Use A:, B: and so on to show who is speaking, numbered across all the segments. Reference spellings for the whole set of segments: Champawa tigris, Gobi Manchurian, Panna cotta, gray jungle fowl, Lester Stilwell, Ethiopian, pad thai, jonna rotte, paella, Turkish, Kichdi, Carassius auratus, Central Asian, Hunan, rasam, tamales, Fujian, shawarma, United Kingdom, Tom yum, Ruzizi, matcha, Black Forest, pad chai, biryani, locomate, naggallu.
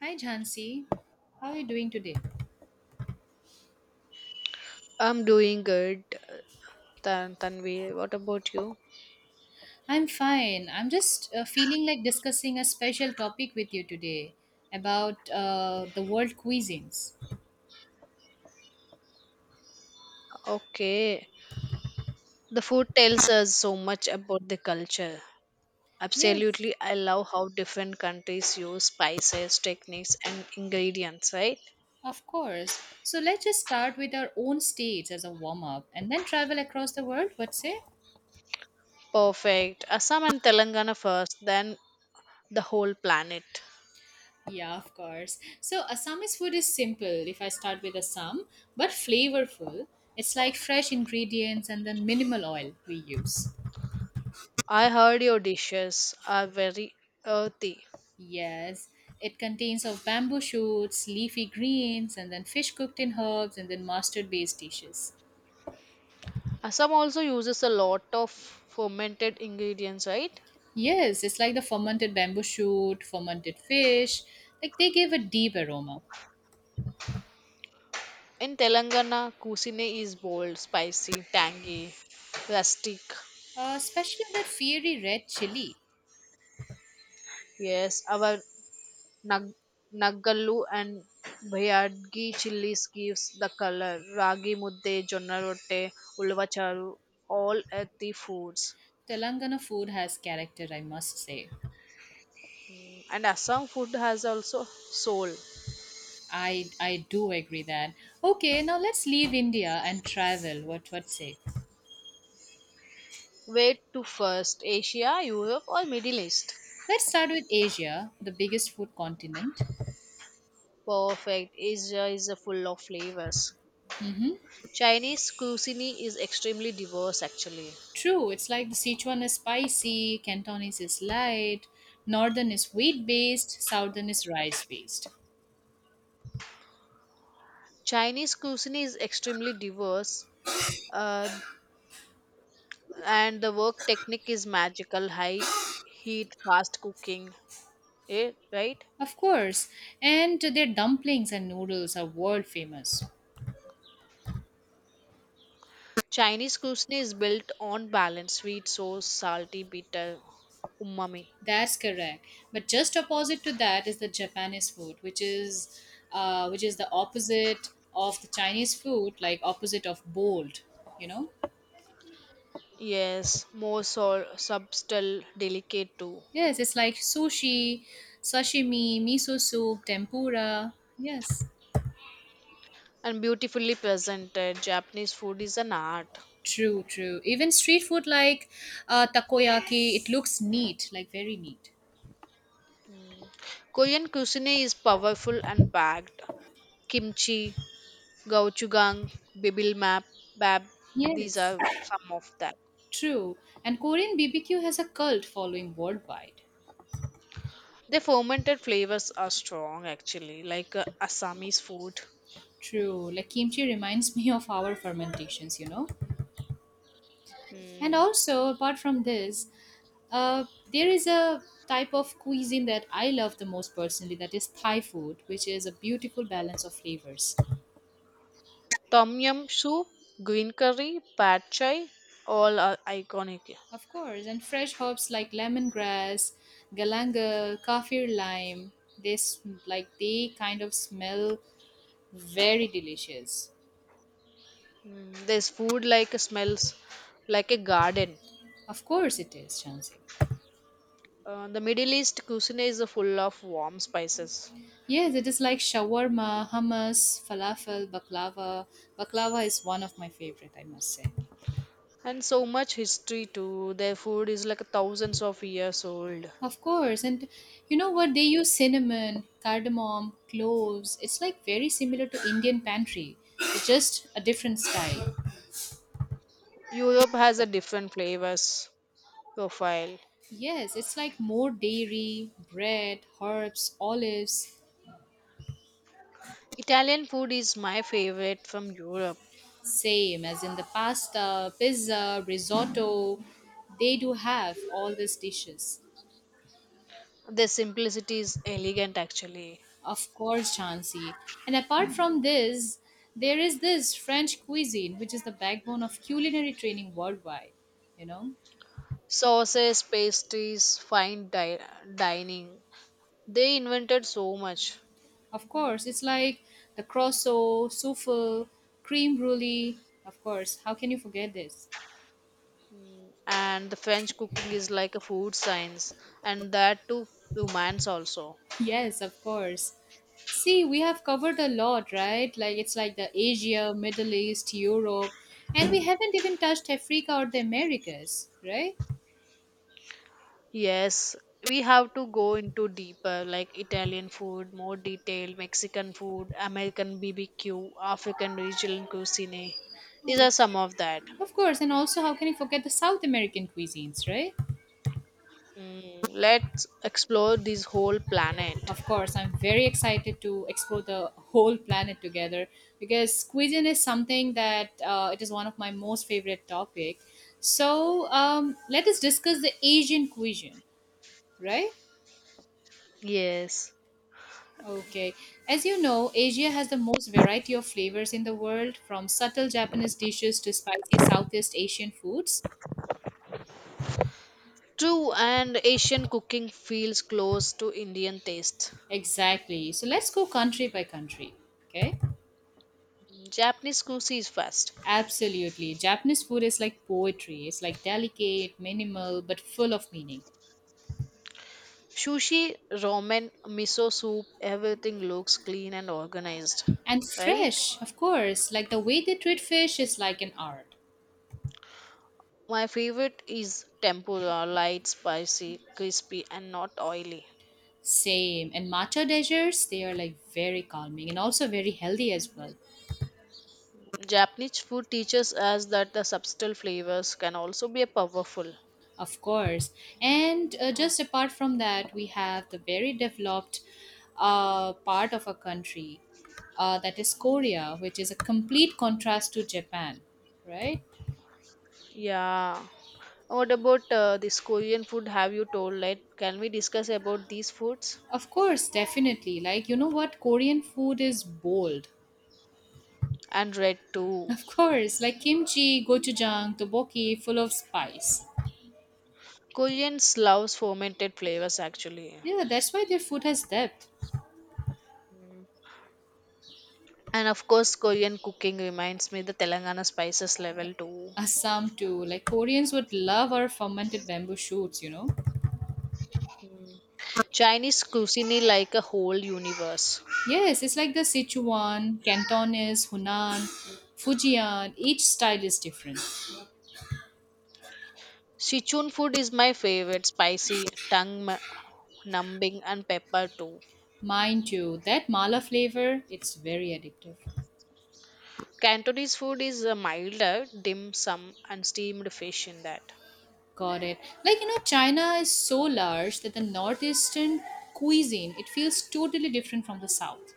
A: Hi, Jhansi. How are you doing today?
B: I'm doing good, Tanvi. What about you?
A: I'm fine. I'm just feeling like discussing a special topic with you today about the world cuisines.
B: Okay. The food tells us so much about the culture.
A: Yes,
B: Absolutely, I love how different countries use spices, techniques, and ingredients, right?
A: of course. So let's just start with our own states as a warm up and then travel across the world. What say?
B: Perfect. Assam and Telangana first, then the whole planet.
A: Yeah, of course. So Assamese food is simple if I start with Assam, but flavorful. It's like fresh ingredients and then minimal oil we use.
B: I heard your dishes are very earthy.
A: Yes, it contains of bamboo shoots, leafy greens, and then fish cooked in herbs, and then mustard based dishes.
B: Assam also uses a lot of fermented ingredients, right?
A: Yes, it's like the fermented bamboo shoot, fermented fish. Like they give a deep aroma.
B: In Telangana, cuisine is bold, spicy, tangy, rustic.
A: Especially that fiery red chili.
B: Yes, our nag- naggallu and bhayadgi chilies gives the color. Ragi mudde, jonna rotte, ulva charu, all earthy foods.
A: Telangana food has character, I must say.
B: And Assam food has also soul.
A: I do agree that. Okay, now let's leave India and travel. What say?
B: Where to first? Asia, Europe, or Middle East?
A: Let's start with Asia, the biggest food continent.
B: Perfect. Asia is full of flavors. Chinese cuisine is extremely diverse actually.
A: True, it's like the Sichuan is spicy, Cantonese is light, Northern is wheat based, Southern is rice based.
B: Chinese cuisine is extremely diverse, uh, and the work technique is magical, high heat, fast cooking. Eh, right?
A: Of course, and their dumplings and noodles are world famous.
B: Chinese cuisine is built on balance, sweet, sour, salty, bitter, umami.
A: That's correct. But just opposite to that is the Japanese food, which is the opposite of the Chinese food, like opposite of bold, you know?
B: Yes, more subtle, delicate too,
A: Yes, it's like sushi, sashimi, miso soup, tempura. Yes.
B: and beautifully presented. Japanese food is an art.
A: True, true. Even street food like takoyaki, it looks neat, like very neat.
B: Korean cuisine is powerful and packed. Kimchi, gauchugang, Bibil Map, bab, these
A: Yes.
B: are some of that.
A: True. And Korean BBQ has a cult following worldwide.
B: The fermented flavors are strong actually, like Assamese food.
A: True. Like kimchi reminds me of our fermentations, you know? And
B: Hmm.
A: also, apart from this, uh, there is a type of cuisine that I love the most personally that is Thai food, which is a beautiful balance of flavors.
B: Tom yum soup, green curry, pad chai, all are iconic.
A: Of course, and fresh herbs like lemongrass, galangal, kaffir lime, like they kind of smell very delicious.
B: Mm, there's food like smells like a garden.
A: Of course it is, Shansi.
B: The Middle East cuisine is full of warm spices
A: Yes, it is like shawarma, hummus, falafel, baklava. Baklava is one of my favorite, I must say.
B: and so much history too. Their food is like thousands of years old.
A: Of course, and you know what? They use cinnamon, cardamom, cloves. It's like very similar to Indian pantry. It's just a different style.
B: Europe has a different flavors profile.
A: Yes, it's like more dairy, bread, herbs, olives,
B: Italian food is my favorite from Europe.
A: same as in the pasta, pizza, risotto. They do have all these dishes.
B: Their simplicity is elegant actually.
A: Of course, Chansi. And apart from this, there is this French cuisine, which is the backbone of culinary training worldwide. You know,
B: Sauces, pastries, dining. They invented so much.
A: of course, it's like the croissant, souffle, cream brulee. Of course, how can you forget this?
B: And the French cooking is like a food science, and that too romance also.
A: Yes, of course. See, we have covered a lot, right? Like it's like the Asia, Middle East, Europe, and we haven't even touched Africa or the Americas, right?
B: Yes, we have to go into deeper like Italian food, more detailed Mexican food, American BBQ, African regional cuisine. These are some of that.
A: Of course, and also how can you forget the South American cuisines, right?
B: Mm, let's explore this whole planet.
A: Of course, I'm very excited to explore the whole planet together because cuisine is something that it is one of my most favorite topic. So let us discuss the Asian cuisine, right?
B: Yes.
A: Okay. As you know, Asia has the most variety of flavors in the world, from subtle Japanese dishes to spicy Southeast Asian foods.
B: True, and Asian cooking feels close to Indian taste.
A: Exactly. So let's go country by country. Okay.
B: Mm, Japanese cuisine is fast.
A: Absolutely. Japanese food is like poetry. It's like delicate, minimal, but full of meaning.
B: Sushi, ramen, miso soup, everything looks clean and organized,
A: And
B: right?
A: fresh, of course. Like the way they treat fish is like an art.
B: My favorite is tempura, light, spicy, crispy, and not oily.
A: Same. And matcha desserts, they are like very calming and also very healthy as well.
B: Japanese food teaches us that the subtle flavors can also be powerful.
A: Of course. And
B: Oh,
A: just apart from that, we have the very developed part of a country, that is Korea, which is a complete contrast to Japan, right?
B: yeah. What about this Korean food? Have you told? Like, can we discuss about these foods
A: Of course, definitely. Like, you know what? Korean food is bold.
B: and red too?
A: Of course, like kimchi, gochujang, tteokbokki, full of spice.
B: Koreans loves fermented flavors actually,
A: Yeah, that's why their food has depth.
B: and of course, Korean cooking reminds me the Telangana spices level too.
A: Assam too. Like Koreans would love our fermented bamboo shoots, you know.
B: Chinese cuisine like a whole universe.
A: Yes, it's like the Sichuan, Cantonese, Hunan, Fujian. Each style is different.
B: Sichuan food is my favorite, spicy, numbing, and pepper too.
A: Mind you, that mala flavor, it's very addictive.
B: Cantonese food is milder, dim sum, and steamed fish in that.
A: Got it. Like you know, China is so large that the northeastern cuisine it feels totally different from the south.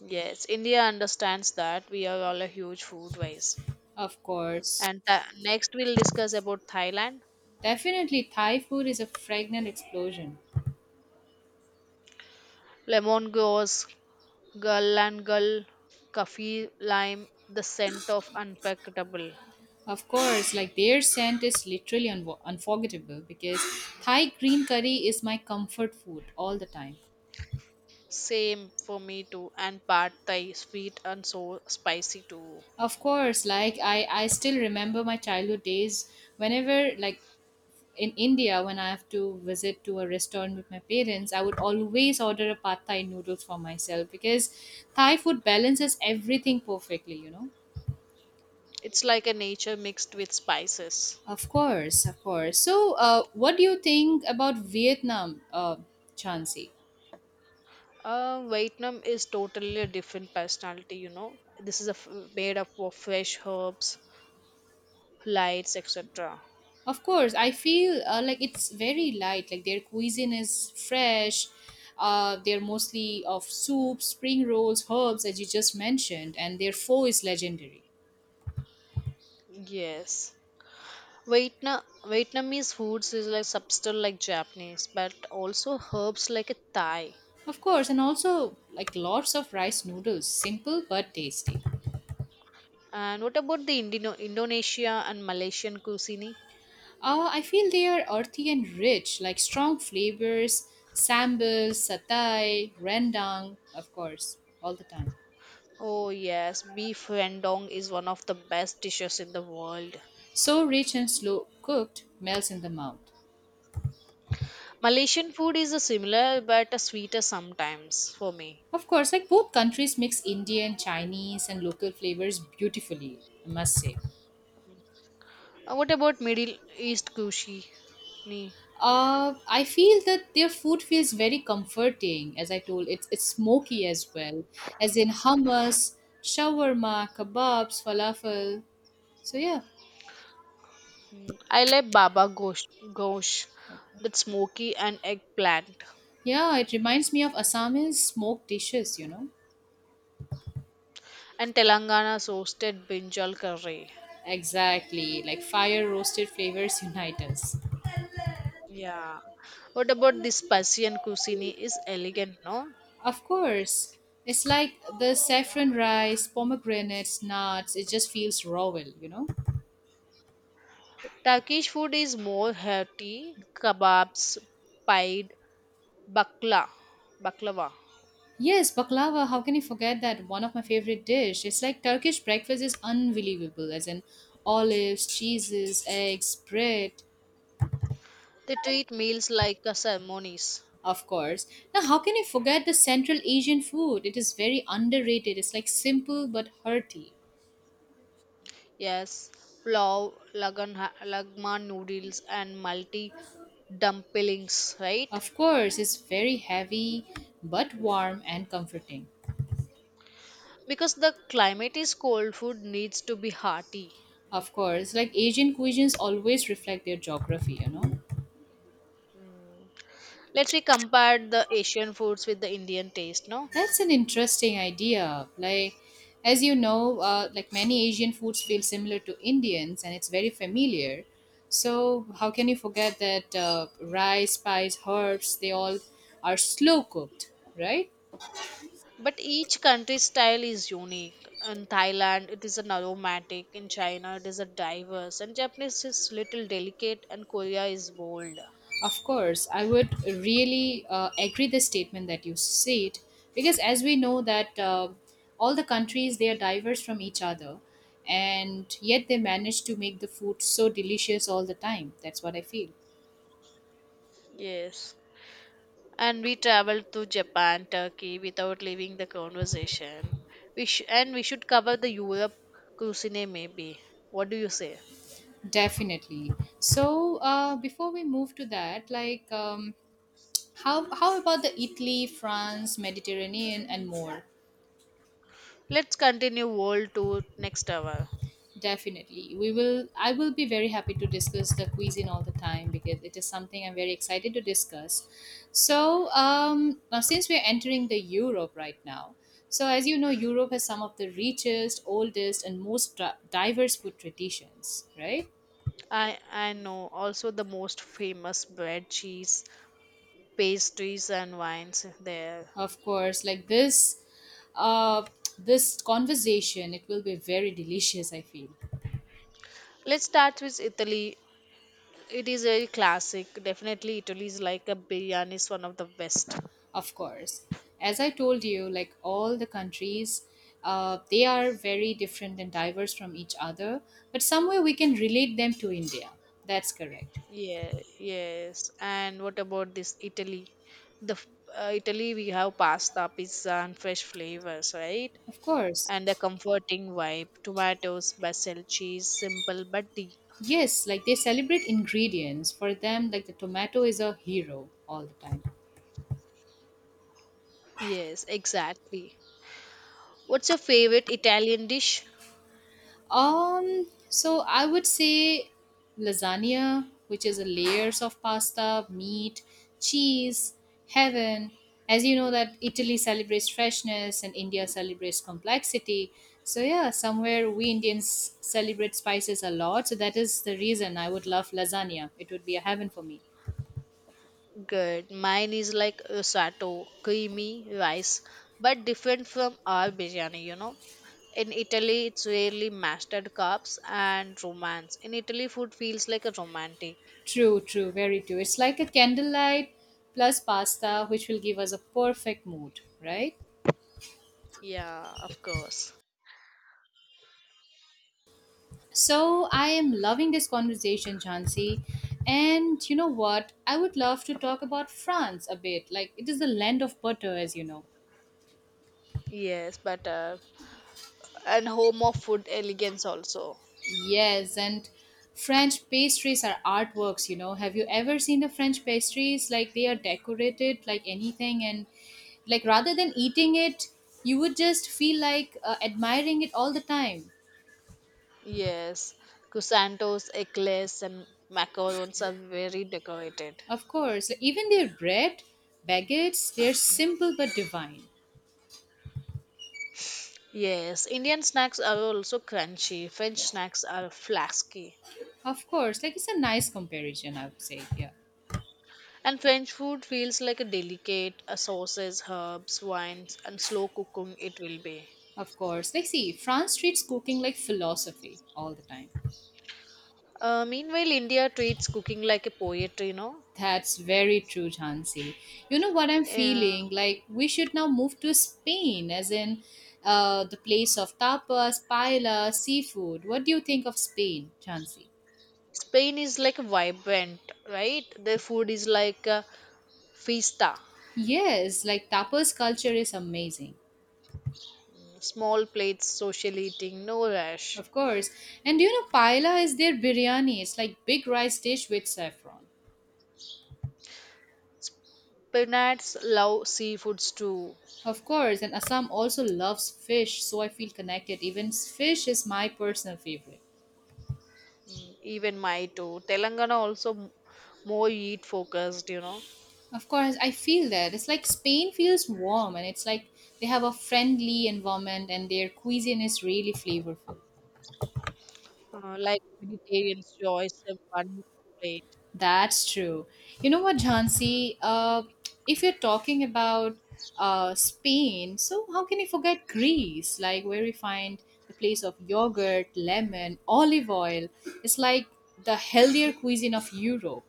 B: Yes, India understands that we are all a huge food waste.
A: Of course,
B: And next we'll discuss about Thailand.
A: definitely Thai food is a fragrant explosion.
B: Lemon goes, gull coffee, lime, the scent of unforgettable.
A: Of course, like their scent is literally unwo unforgettable because Thai green curry is my comfort food all the time.
B: Same for me too. And pad thai, sweet and so spicy too.
A: Of course, like I still remember my childhood days. Whenever, like in India, when I have to visit to a restaurant with my parents, I would always order a pad thai noodles for myself because Thai food balances everything perfectly, you know.
B: It's like a nature mixed with spices.
A: Of course, of course. So, what do you think about Vietnam, Chansey?
B: Vietnam is totally a different personality, you know. This is a made up of fresh herbs, lights, etc.
A: Of course, I feel like it's very light. Like their cuisine is fresh. They're mostly of soup, spring rolls, herbs, as you just mentioned, and their pho is legendary.
B: Yes. Vietnamese foods is like substance like Japanese, but also herbs like a Thai.
A: Of course, and also like lots of rice noodles, simple but tasty.
B: And what about the Indonesia and Malaysian cuisine?
A: I feel they are earthy and rich, like strong flavors, sambal, satay, rendang, of course, all the time.
B: Oh yes, beef rendang is one of the best dishes in the world.
A: So rich and slow cooked, melts in the mouth.
B: Malaysian food is a similar but a sweeter sometimes for me.
A: Of course, like both countries mix Indian, Chinese, and local flavors beautifully, I must say.
B: What about Middle East cuisine? Mm,
A: I feel that their food feels very comforting, as I told. It's smoky as well, as in hummus, shawarma, kebabs, falafel. So yeah,
B: I like Baba gosh that's smoky and eggplant,
A: yeah, it reminds me of Assamese smoked dishes. You know,
B: and Telangana's roasted brinjal curry.
A: exactly like fire roasted flavors unite us.
B: Yeah. What about this Persian cuisine is elegant, no?
A: Of course. It's like the saffron rice, pomegranates, nuts. It just feels raw, well, you know?
B: Turkish food is more hearty, kebabs, pied, bakla, baklava.
A: Yes, baklava. How can you forget that? One of my favorite dish. It's like Turkish breakfast is unbelievable, as in olives, cheeses, eggs, bread,
B: They treat meals like a ceremonies.
A: of course. Now, how can you forget the Central Asian food? It is very underrated. It's like simple but hearty.
B: Yes, plow, lagan, lagma noodles, and multi dumplings, right?
A: Of course, it's very heavy but warm and comforting.
B: Because the climate is cold, food needs to be hearty.
A: Of course, like Asian cuisines always reflect their geography, you know.
B: Let's we compare the Asian foods with the Indian taste, no?
A: That's an interesting idea. Like, as you know, like many Asian foods feel similar to Indians and it's very familiar. So, how can you forget that rice, spice, herbs, they all are slow cooked, right?
B: But each country's style is unique. In Thailand, it is an aromatic. In China, it is a diverse. And Japanese is little delicate, and Korea is bold.
A: Of course, I would really agree the statement that you said because as we know that all the countries they are diverse from each other and yet they manage to make the food so delicious all the time. That's what I feel.
B: Yes. And we traveled to Japan, Turkey without leaving the conversation. And we should cover the Europe cuisine maybe. What do you say?
A: Definitely. So before we move to that, like how about the Italy, France, Mediterranean, and more?
B: Let's continue world tour next hour.
A: Definitely. We will I will be very happy to discuss the cuisine all the time because it is something I'm very excited to discuss. So, now since we're entering the Europe right now. So, as you know, Europe has some of the richest, oldest and most diverse food traditions, right?
B: I know also the most famous bread, cheese, pastries and wines there.
A: Of course, like uh this conversation, it will be very delicious, I feel.
B: Let's start with Italy. It is a classic. Definitely, Italy is like a biryani is one of the best.
A: Of course. As I told you, like all the countries, they are very different and diverse from each other, but somewhere we can relate them to India. That's correct.
B: Yeah, yes. And what about this Italy? The f- Italy we have pasta, pizza, and fresh flavors, right?
A: Of course.
B: And a comforting vibe. Tomatoes, basil, cheese, simple but deep.
A: Yes, like they celebrate ingredients. For them, like the tomato is a hero all the time.
B: Yes, exactly. What's your favorite Italian dish?
A: So I would say lasagna, which is a layers of pasta, meat, cheese, heaven. As you know that Italy celebrates freshness and India celebrates complexity. So yeah, somewhere we Indians celebrate spices a lot. So that is the reason I would love lasagna. It would be a heaven for me.
B: Good. Mine is like a sato, creamy rice, but different from our biryani, you know. In Italy, it's really mashed cups and romance. In Italy, food feels like a romantic.
A: True, true, very true. It's like a candlelight plus pasta, which will give us a perfect mood, right?
B: Yeah, of course.
A: So I am loving this conversation, Chansey. And you know what? I would love to talk about France a bit. Like it is the land of butter, as you know.
B: Yes, but and home of food elegance also.
A: Yes, and French pastries are artworks, you know. Have you ever seen the French pastries? Like they are decorated like anything and like rather than eating it, you would just feel like admiring it all the time.
B: Yes, croissants, eclairs, and macarons are very decorated.
A: Of course, even their bread, baguettes, they're simple but divine.
B: Yes, Indian snacks are also crunchy. French snacks are flasky.
A: Of course, like it's a nice comparison, I would say. Yeah,
B: And French food feels like a delicate sauces, herbs, wines, and slow cooking it will be.
A: of course. Like, see, France treats cooking like philosophy all the time.
B: Meanwhile, India treats cooking like a poetry, you know.
A: That's very true, Jansi. You know what I'm
B: Uh,
A: feeling? Like, we should now move to Spain, as in the place of tapas, paella, seafood. What do you think of Spain, Jansi?
B: Spain is like vibrant, right? Their food is like a fiesta,
A: Yes, like tapas culture is amazing.
B: small plates, social eating, no rush.
A: Of course. And do you know, paella is their biryani. It's like big rice dish with saffron.
B: Penates love seafoods too,
A: Of course, and Assam also loves fish, so I feel connected. Even fish is my personal favorite.
B: mm, even my too. Telangana also more eat focused, you know,
A: Of course, I feel that. It's like Spain feels warm, and it's like they have a friendly environment, and their cuisine is really flavorful.
B: like vegetarians choice a one plate.
A: That's true. You know what, Jhansi? If you're talking about Spain, so how can you forget Greece? Like where we find the place of yogurt, lemon, olive oil. It's like the healthier cuisine of Europe.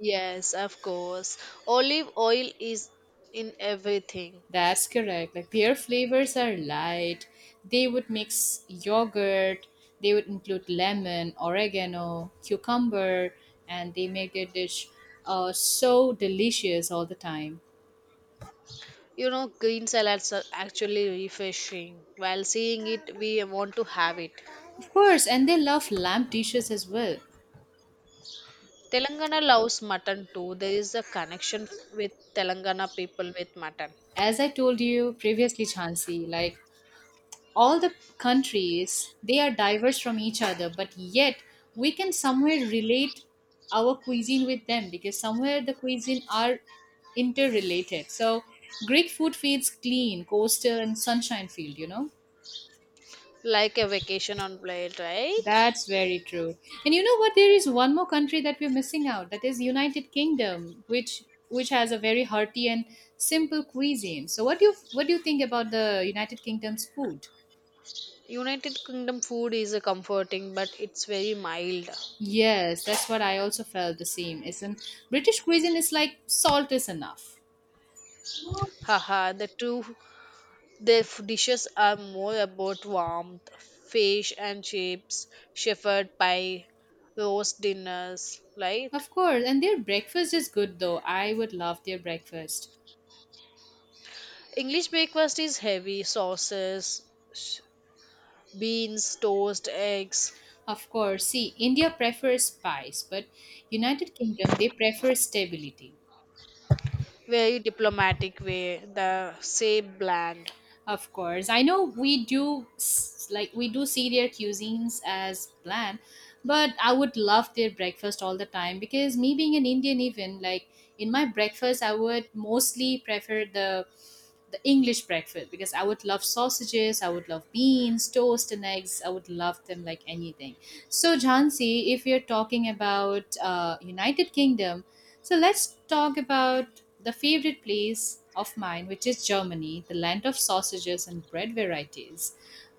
B: Yes, of course. Olive oil is in everything.
A: That's correct. Like their flavors are light. They would mix yogurt, they would include lemon, oregano, cucumber, and they make their dish so delicious all the time.
B: You know, green salads are actually refreshing. While seeing it, we want to have it.
A: Of course, and they love lamb dishes as well.
B: Telangana loves mutton too. There is a connection with Telangana people with mutton.
A: As I told you previously, Chansi, like all the countries they are diverse from each other, but yet we can somewhere relate our cuisine with them because somewhere the cuisine are interrelated. So Greek food feeds clean coastal and sunshine field,
B: Like a vacation on plate, right?
A: that's very true. And you know what, there is one more country that we're missing out, that is United Kingdom, which has a very hearty and simple cuisine. So what do you think about the United Kingdom's food?
B: United Kingdom food is a comforting, but it's very mild.
A: Yes, that's what I also felt the same. It's an British cuisine is like salt is enough.
B: Haha, the two. Their dishes are more about warmth, fish and chips, shepherd pie, roast dinners, right?
A: Of course, and their breakfast is good though. I would love their breakfast.
B: English breakfast is heavy sauces, sh- beans, toast, eggs,
A: Of course, see, India prefers spice, but United Kingdom they prefer stability.
B: very diplomatic way, the same bland.
A: Of course, I know like we do see their cuisines as bland, but I would love their breakfast all the time because me being an Indian, even like in my breakfast, I would mostly prefer the English breakfast because I would love sausages, I would love beans, toast, and eggs. I would love them like anything. So, Jhansi, if you're talking about United Kingdom, so let's talk about the favorite place of mine, which is Germany, the land of sausages and bread varieties.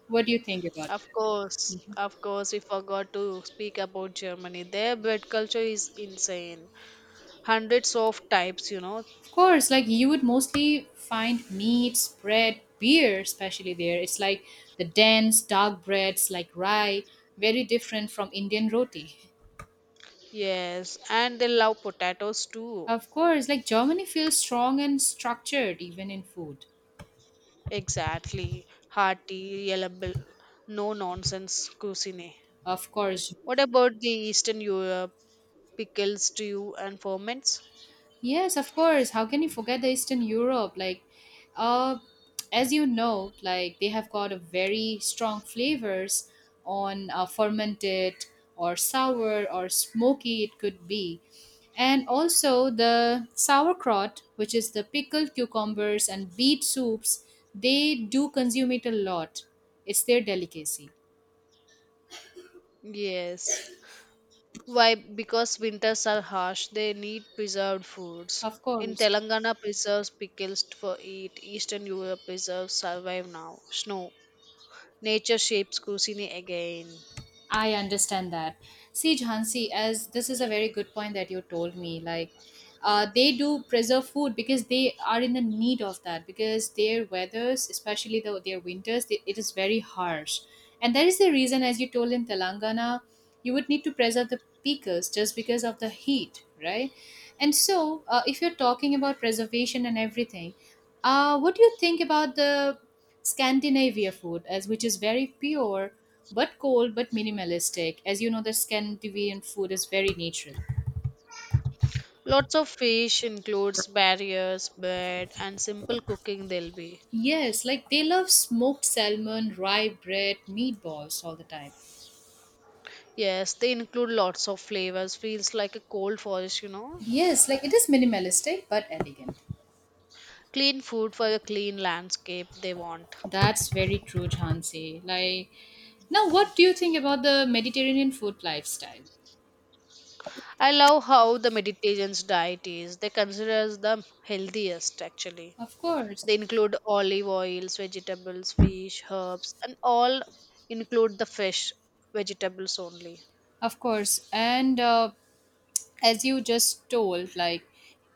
A: What do you think about that?
B: Of course, we forgot to speak about Germany. Their bread culture is insane. Hundreds of types, you know.
A: Of course, like you would mostly find meats, bread, beer, especially there. It's like the dense, dark breads like rye, very different from Indian roti.
B: Yes, and they love potatoes too.
A: Of course, like Germany feels strong and structured even in food.
B: Exactly. Hearty, reliable, no nonsense cuisine.
A: Of course.
B: What about the Eastern Europe? Pickles, stew, and ferments?
A: Yes, of course. How can you forget the Eastern Europe? Uh, as you know, like they have got a very strong flavors on fermented or sour or smoky it could be. And also the sauerkraut, which is the pickled cucumbers and beet soups, they do consume it a lot. It's their delicacy.
B: Yes. Why? Because winters are harsh, they need preserved foods.
A: Of
B: In
A: course.
B: Telangana, preserves pickles for eat. Eastern Europe preserves survive now. Snow. Nature shapes cuisine again.
A: I understand that. See, Jhansi, as this is a very good point that you told me, like they do preserve food because they are in the need of that because their weathers, especially their winters, it is very harsh. And that is the reason, as you told in Telangana, you would need to preserve the pickles just because of the heat, right? And so, if you're talking about preservation and everything, what do you think about the Scandinavia food, as which is very pure? But cold but minimalistic. As you know, the Scandinavian food is very natural.
B: Lots of fish includes barriers, bread, and simple cooking they'll be.
A: Yes, like they love smoked salmon, rye bread, meatballs all the time.
B: Yes, they include lots of flavors. Feels like a cold forest, you know.
A: Yes, like it is minimalistic but elegant.
B: Clean food for a clean landscape they want.
A: That's very true, Chansey. Like now what do you think about the Mediterranean food lifestyle?
B: I love how the Mediterranean's diet is. They consider as the healthiest actually.
A: Of course.
B: They include olive oils, vegetables, fish, herbs, and all include the fish, vegetables only.
A: Of course, and as you just told, like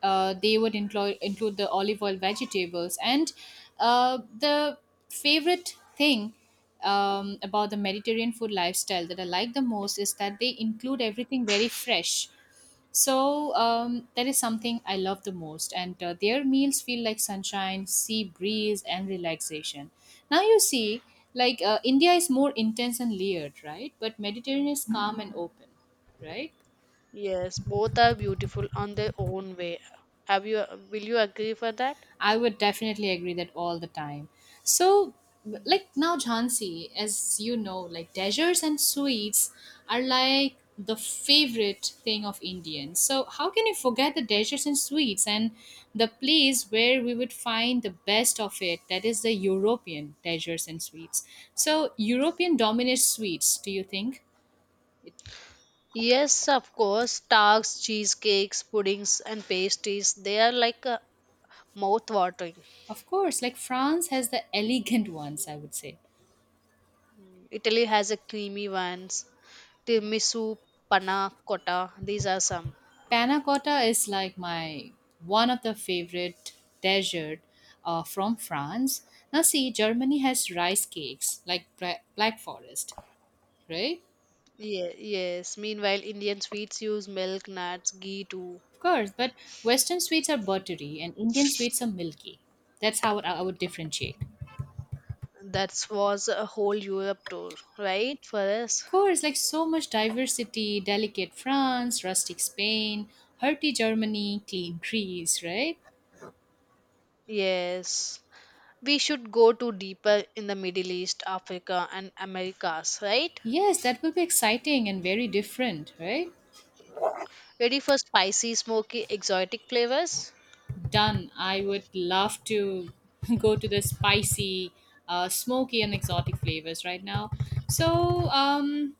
A: they would include the olive oil, vegetables, and the favorite thing about the Mediterranean food lifestyle that I like the most is that they include everything very fresh. So that is something I love the most, and their meals feel like sunshine, sea breeze, and relaxation. Now you see, like India is more intense and layered, right? But Mediterranean is calm and open, right?
B: Yes, both are beautiful on their own way. Have you will you agree for that?
A: I would definitely agree that all the time. So, like now, Jhansi, as you know, like desserts and sweets are like the favorite thing of Indians. So how can you forget the desserts and sweets and the place where we would find the best of it? That is the European desserts and sweets. So European dominates sweets, do you think?
B: Yes, of course, tarts, cheesecakes, puddings, and pastries, they are like mouth-watering.
A: Of course, like France has the elegant ones, I would say.
B: Italy has a creamy ones, tiramisu, panna cotta, these are some.
A: Panna cotta is like my one of the favorite dessert from France. Now see, Germany has rice cakes like Black Forest, right?
B: Yeah, yes. Meanwhile, Indian sweets use milk, nuts, ghee too.
A: Of course, but Western sweets are buttery and Indian sweets are milky. That's how I would differentiate. Of
B: That was a whole Europe tour, right, for us?
A: course, like so much diversity, delicate France, rustic Spain, hearty Germany, clean Greece, right?
B: Yes. We should go to deeper in the Middle East, Africa, and Americas, right?
A: Yes, that will be exciting and very different, right?
B: Ready for spicy, smoky, exotic flavors?
A: Done. I would love to go to the spicy, smoky, and exotic flavors right now. So,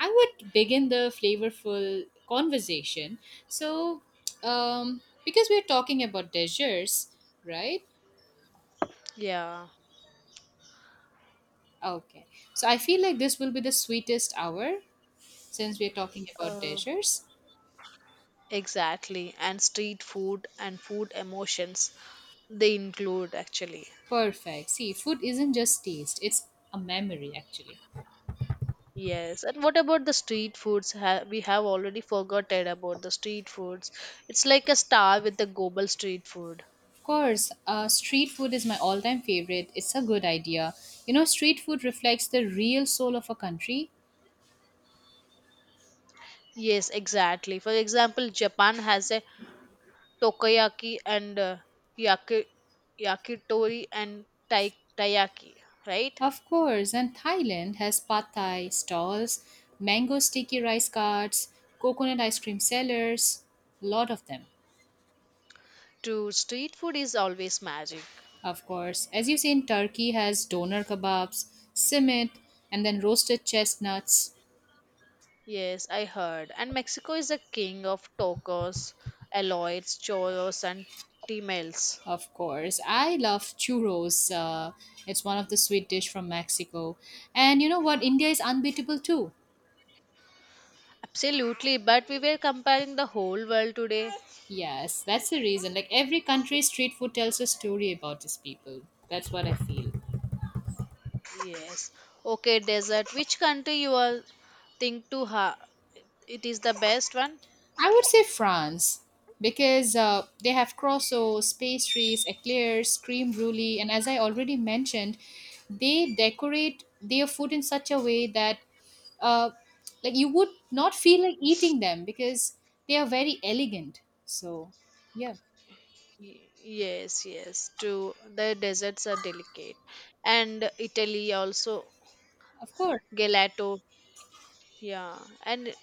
A: I would begin the flavorful conversation. So, because we're talking about desserts, right?
B: Yeah,
A: Okay. So I feel like this will be the sweetest hour since we're talking about
B: uh,
A: desserts.
B: exactly. And street food and food emotions, they include actually.
A: Perfect. See, food isn't just taste, it's a memory, actually.
B: Yes. And what about the street foods? We have already forgotten about the street foods. It's like a star with the global street food.
A: Of course, street food is my all time favorite. It's a good idea. You know, street food reflects the real soul of a country.
B: Yes, exactly. For example, Japan has a tokoyaki and yaki- yakitori and taiyaki, right?
A: Of course, and Thailand has pad thai stalls, mango sticky rice carts, coconut ice cream sellers, a lot of them.
B: To street food is always magic.
A: Of course, as you see in Turkey has doner kebabs, simit, and then roasted chestnuts.
B: Yes, I heard. And Mexico is a king of tacos, aloys, choros, and tamales.
A: Of course, I love churros. It's one of the sweet dish from Mexico. And you know what? India is unbeatable too.
B: Absolutely, but we were comparing the whole world today.
A: Yes, that's the reason. Like every country's street food tells a story about its people. That's what I feel.
B: Yes. Okay, desert. Which country you all think to ha? It is the best one.
A: I would say France because they have croissants, pastries, eclairs, cream brulee, and as I already mentioned, they decorate their food in such a way that uh, like you would not feel like eating them because they are very elegant. So yeah,
B: Yes, yes. To the deserts are delicate, and Italy also
A: of course.
B: gelato. Yeah, and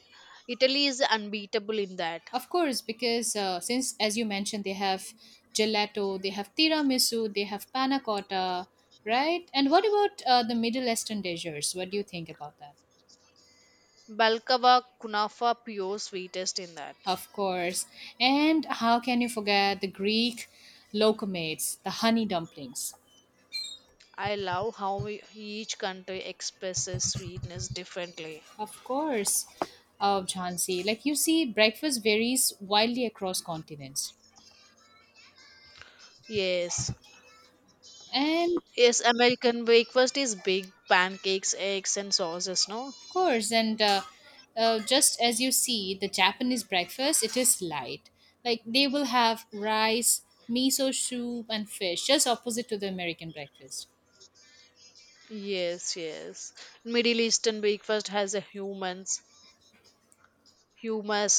B: Italy is unbeatable in that.
A: Of course, because since, as you mentioned, they have gelato, they have tiramisu, they have panna cotta, right? And what about the Middle Eastern dishes? What do you think about that?
B: Balkava kunafa pure sweetest in that.
A: Of course. And how can you forget the Greek locomates, the honey dumplings?
B: I love how each country expresses sweetness differently.
A: Of course, of Jhansi. Like you see, breakfast varies wildly across continents.
B: Yes.
A: And
B: Yes, American breakfast is big pancakes, eggs and sauces, no?
A: of course, and just as you see, the Japanese breakfast it is light. Like they will have rice, miso soup, and fish, just opposite to the American breakfast.
B: Yes, yes. Middle Eastern breakfast has a humans, hummus,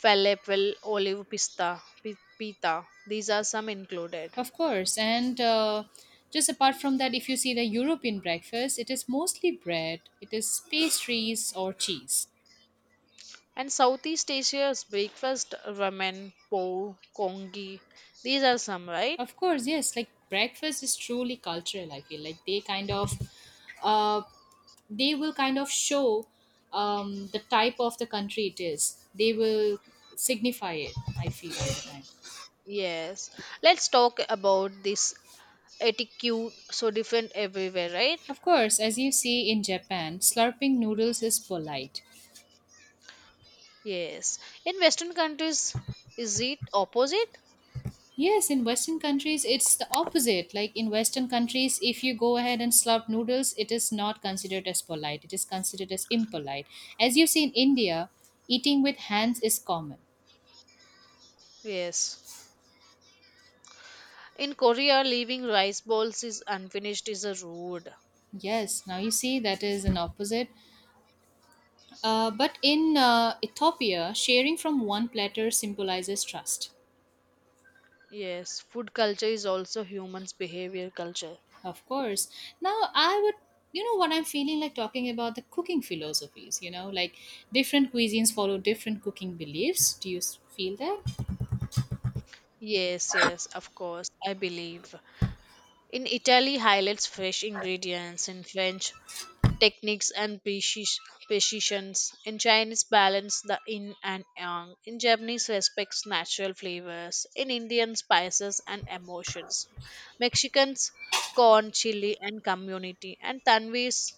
B: falafel, olive pista, pita. These are some included.
A: Of course, and just apart from that, if you see the European breakfast, it is mostly bread, it is pastries or cheese.
B: And Southeast Asia's breakfast ramen, po, kongi. These are some, right?
A: Of course, yes. Like breakfast is truly cultural. I feel like they uh, they will kind of show the type of the country it is. They will signify it. I feel all the time.
B: Yes. Let's talk about this etiquette so different everywhere, right?
A: Of course, as you see in Japan, slurping noodles is polite.
B: Yes. In Western countries, is it opposite?
A: Yes, in Western countries, it's the opposite. Like in Western countries, if you go ahead and slurp noodles, it is not considered as polite. It is considered as impolite. As you see in India, eating with hands is common.
B: Yes. In Korea, leaving rice balls is unfinished is a rude.
A: Yes, now you see that is an opposite. But in Ethiopia, sharing from one platter symbolizes trust.
B: Yes. Food culture is also humans' behavior culture.
A: Of course. Now, you know, what I'm feeling like talking about the cooking philosophies, you know, like different cuisines follow different cooking beliefs. Do feel that?
B: Yes, yes, of course, I believe. In Italy, highlights fresh ingredients. In French, techniques and precisions. In Chinese, balance the yin and yang. In Japanese, respects natural flavors. In Indian, spices and emotions. Mexicans, corn, chili, and community. And Tanvi's,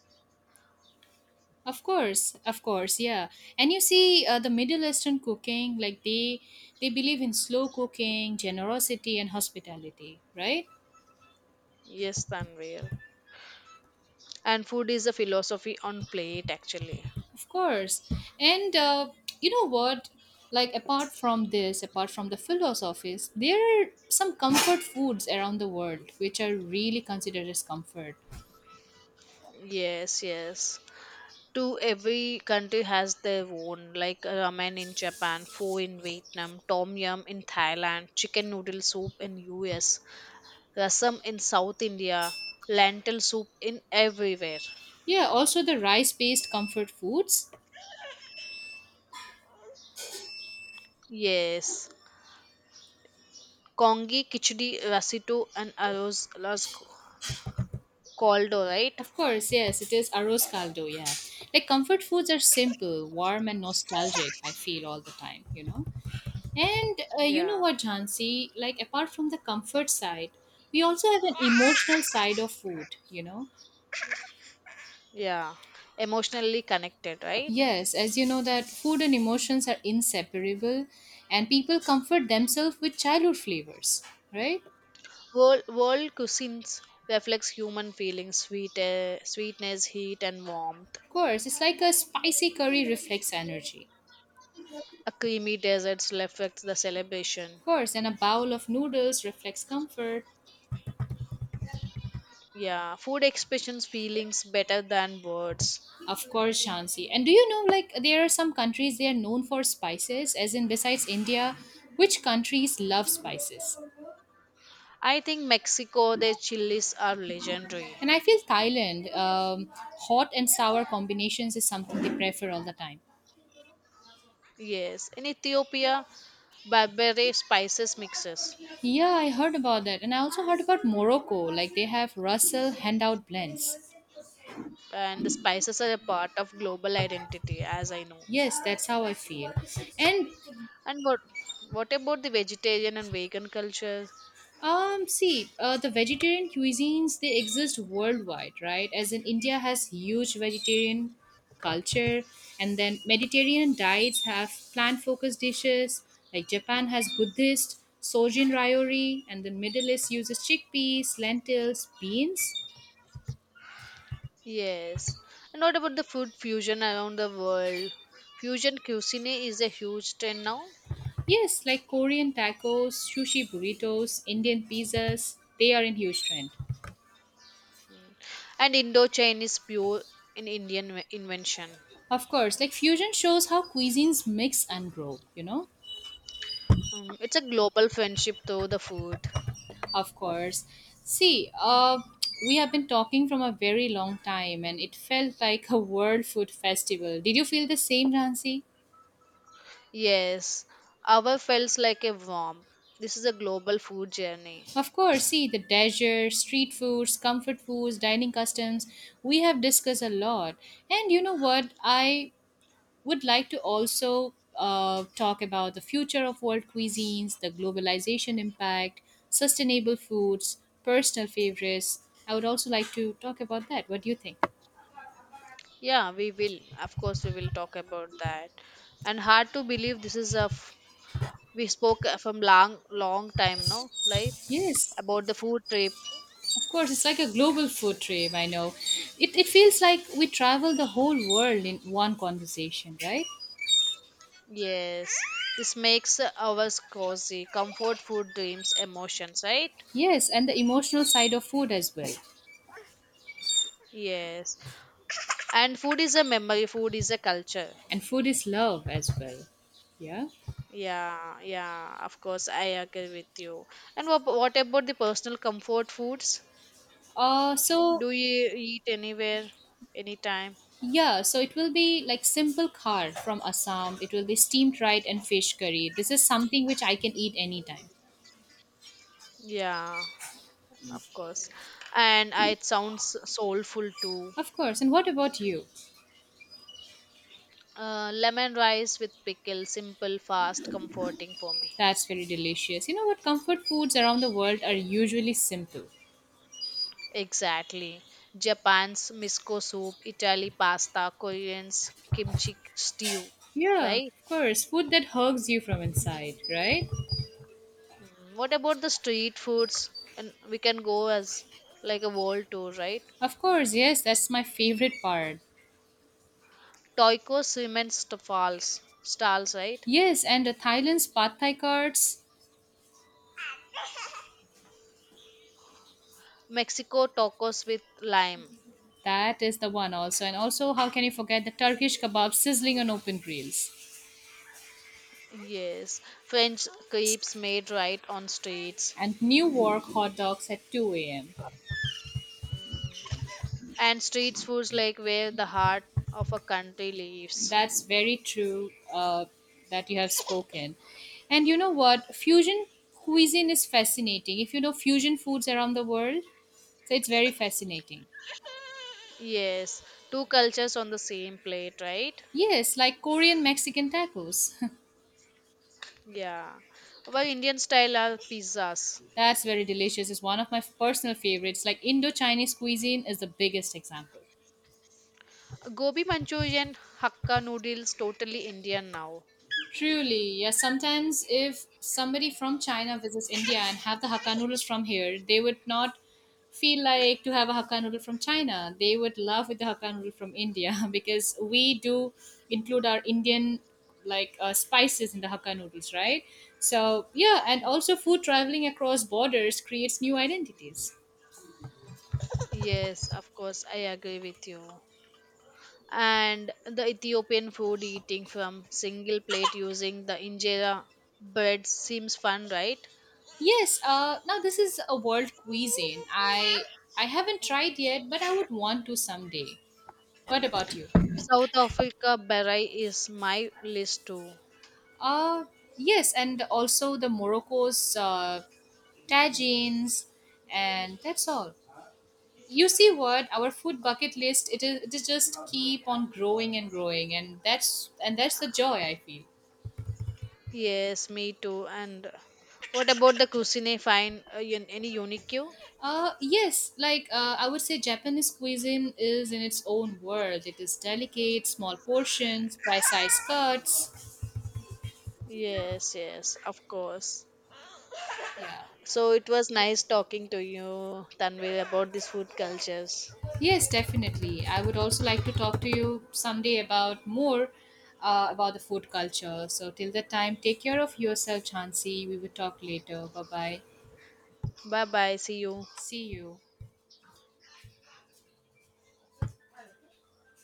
A: Of course, yeah. And you see the Middle Eastern cooking, like they believe in slow cooking, generosity and hospitality, right?
B: yes, Tanvir. And food is a philosophy on plate, actually.
A: Of course. And you know what? Like apart from this, apart from the philosophies, there are some comfort foods around the world which are really considered as comfort.
B: Yes, yes. To every country has their own, like ramen in Japan, pho in Vietnam, tom yum in Thailand, chicken noodle soup in US, rasam in South India, lentil soup in everywhere.
A: Yeah, also the rice based comfort foods.
B: Yes. Kongi, Kichdi, Rasito, and Arozla's Caldo, right?
A: Of course, yes, it is arroz caldo, yeah. Like comfort foods are simple, warm, and nostalgic, I feel all the time, you know? And you know
B: Yeah.
A: what, Jansi? Like apart from the comfort side, we also have an emotional side of food, you know?
B: Yeah. Emotionally connected, right?
A: Yes, as you know that food and emotions are inseparable and people comfort themselves with childhood flavors, right?
B: World cuisines reflects human feelings, sweet, sweetness, heat, and warmth.
A: Of course, it's like a spicy curry reflects energy.
B: A creamy desert reflects the celebration.
A: Of course, and a bowl of noodles reflects comfort.
B: Yeah, food expressions feelings better than words.
A: Of course, Shansi. And do you know like there are some countries they are known for spices, as in besides India, which countries love spices?
B: I think Mexico, their chilies are legendary.
A: And I feel Thailand, hot and sour combinations is something they prefer all the time.
B: Yes, in Ethiopia, Barbary spices mixes,
A: Yeah, I heard about that. And I also heard about Morocco. Like they have Russell handout blends.
B: and the spices are a part of global identity, as I know.
A: Yes, that's how I feel. And
B: And what about the vegetarian and vegan culture?
A: see, the vegetarian cuisines they exist worldwide, right? As in India has huge vegetarian culture and then Mediterranean diets have plant focused dishes. Like Japan has Buddhist, Sojin Ryori, and the Middle East uses chickpeas, lentils, beans.
B: Yes, and what about the food fusion around the world? Fusion cuisine is a huge trend now,
A: Yes, like Korean tacos, sushi burritos, Indian pizzas, they are in huge trend.
B: and Indo-Chinese pure in Indian invention.
A: Of course, like fusion shows how cuisines mix and grow, you know?
B: Mm, it's a global friendship though the food.
A: Of course. See, we have been talking from a very long time and it felt like a world food festival. Did you feel the same, Nancy?
B: Yes, our feels like a warm. This is a global food journey.
A: Of course, see the desserts, street foods, comfort foods, dining customs. We have discussed a lot. And you know what? I would like to also talk about the future of world cuisines, the globalization impact, sustainable foods, personal favorites. I would also like to talk about that. What do you think?
B: Yeah, we will. Of course, we will talk about that. And hard to believe this is a we spoke from long long time now, like
A: Yes,
B: about the food trip.
A: of course. It's like a global food trip. I know. It feels like we travel the whole world in one conversation, right?
B: Yes, this makes ours cozy, comfort food, dreams, emotions, right?
A: Yes, and the emotional side of food as well.
B: Yes, and food is a memory. Food is a culture.
A: And food is love as well. Yeah.
B: Yeah, yeah. Of course, I agree with you. And what about the personal comfort foods?
A: Uh, so
B: Do you eat anywhere, anytime?
A: Yeah, so it will be like simple khar from Assam. It will be steamed rice and fish curry. This is something which I can eat anytime.
B: Yeah, of course, and it sounds soulful too.
A: Of course. And what about you?
B: Lemon rice with pickle simple fast comforting for me.
A: That's very delicious. You know what? Comfort foods around the world are usually simple.
B: Exactly. Japan's miso soup, Italy pasta, Koreans kimchi stew,
A: Yeah,
B: right?
A: of course. Food that hugs you from inside, right?
B: Mm, what about the street foods and we can go as like a world tour, right?
A: Of course, yes, that's my favorite part.
B: Tacos women's stalls, right?
A: Yes, and the Thailand's pad thai cards.
B: Mexico tacos with lime.
A: That is the one also. And also, how can you forget the Turkish kebab sizzling on open grills?
B: Yes, French crepes made right on streets,
A: And New York hot dogs at 2 a.m.
B: and street foods like where the heart of a country lives.
A: That's very true that you have spoken. And you know what? Fusion cuisine is fascinating. If you know fusion foods around the world, so it's very fascinating.
B: Yes, two cultures on the same plate, right?
A: Yes, like Korean Mexican tacos.
B: Yeah. Our Indian style are pizzas.
A: That's very delicious. It's one of my personal favorites. Like Indo Chinese cuisine is the biggest example.
B: Gobi Manchurian, Hakka noodles, totally Indian now.
A: Truly, yes. Sometimes, if somebody from China visits India and have the Hakka noodles from here, they would not feel like to have a Hakka noodle from China. They would love with the Hakka noodle from India because we do include our Indian spices in the Hakka noodles, right? So yeah, and also food traveling across borders creates new identities.
B: Yes, of course, I agree with you. And the Ethiopian food eating from single plate using the injera bread seems fun, right?
A: Yes, now this is a world cuisine. I haven't tried yet, but I would want to someday. What about you?
B: South Africa Beret is my list too.
A: Uh, yes, and also the Morocco's tagines, and that's all. You see what, our food bucket list, it is just keep on growing and growing, and that's the joy I feel.
B: Yes, me too. And what about the cuisine? Find any unique you?
A: Yes, like I would say Japanese cuisine is in its own world. It is delicate, small portions, precise cuts.
B: Yes, yes, of course.
A: Yeah.
B: So it was nice talking to you, Tanvi, about these food cultures.
A: Yes, definitely. I would also like to talk to you someday about more about the food culture. So till that time, take care of yourself, Chansey. We will talk later. Bye bye.
B: Bye bye. See you.
A: See you.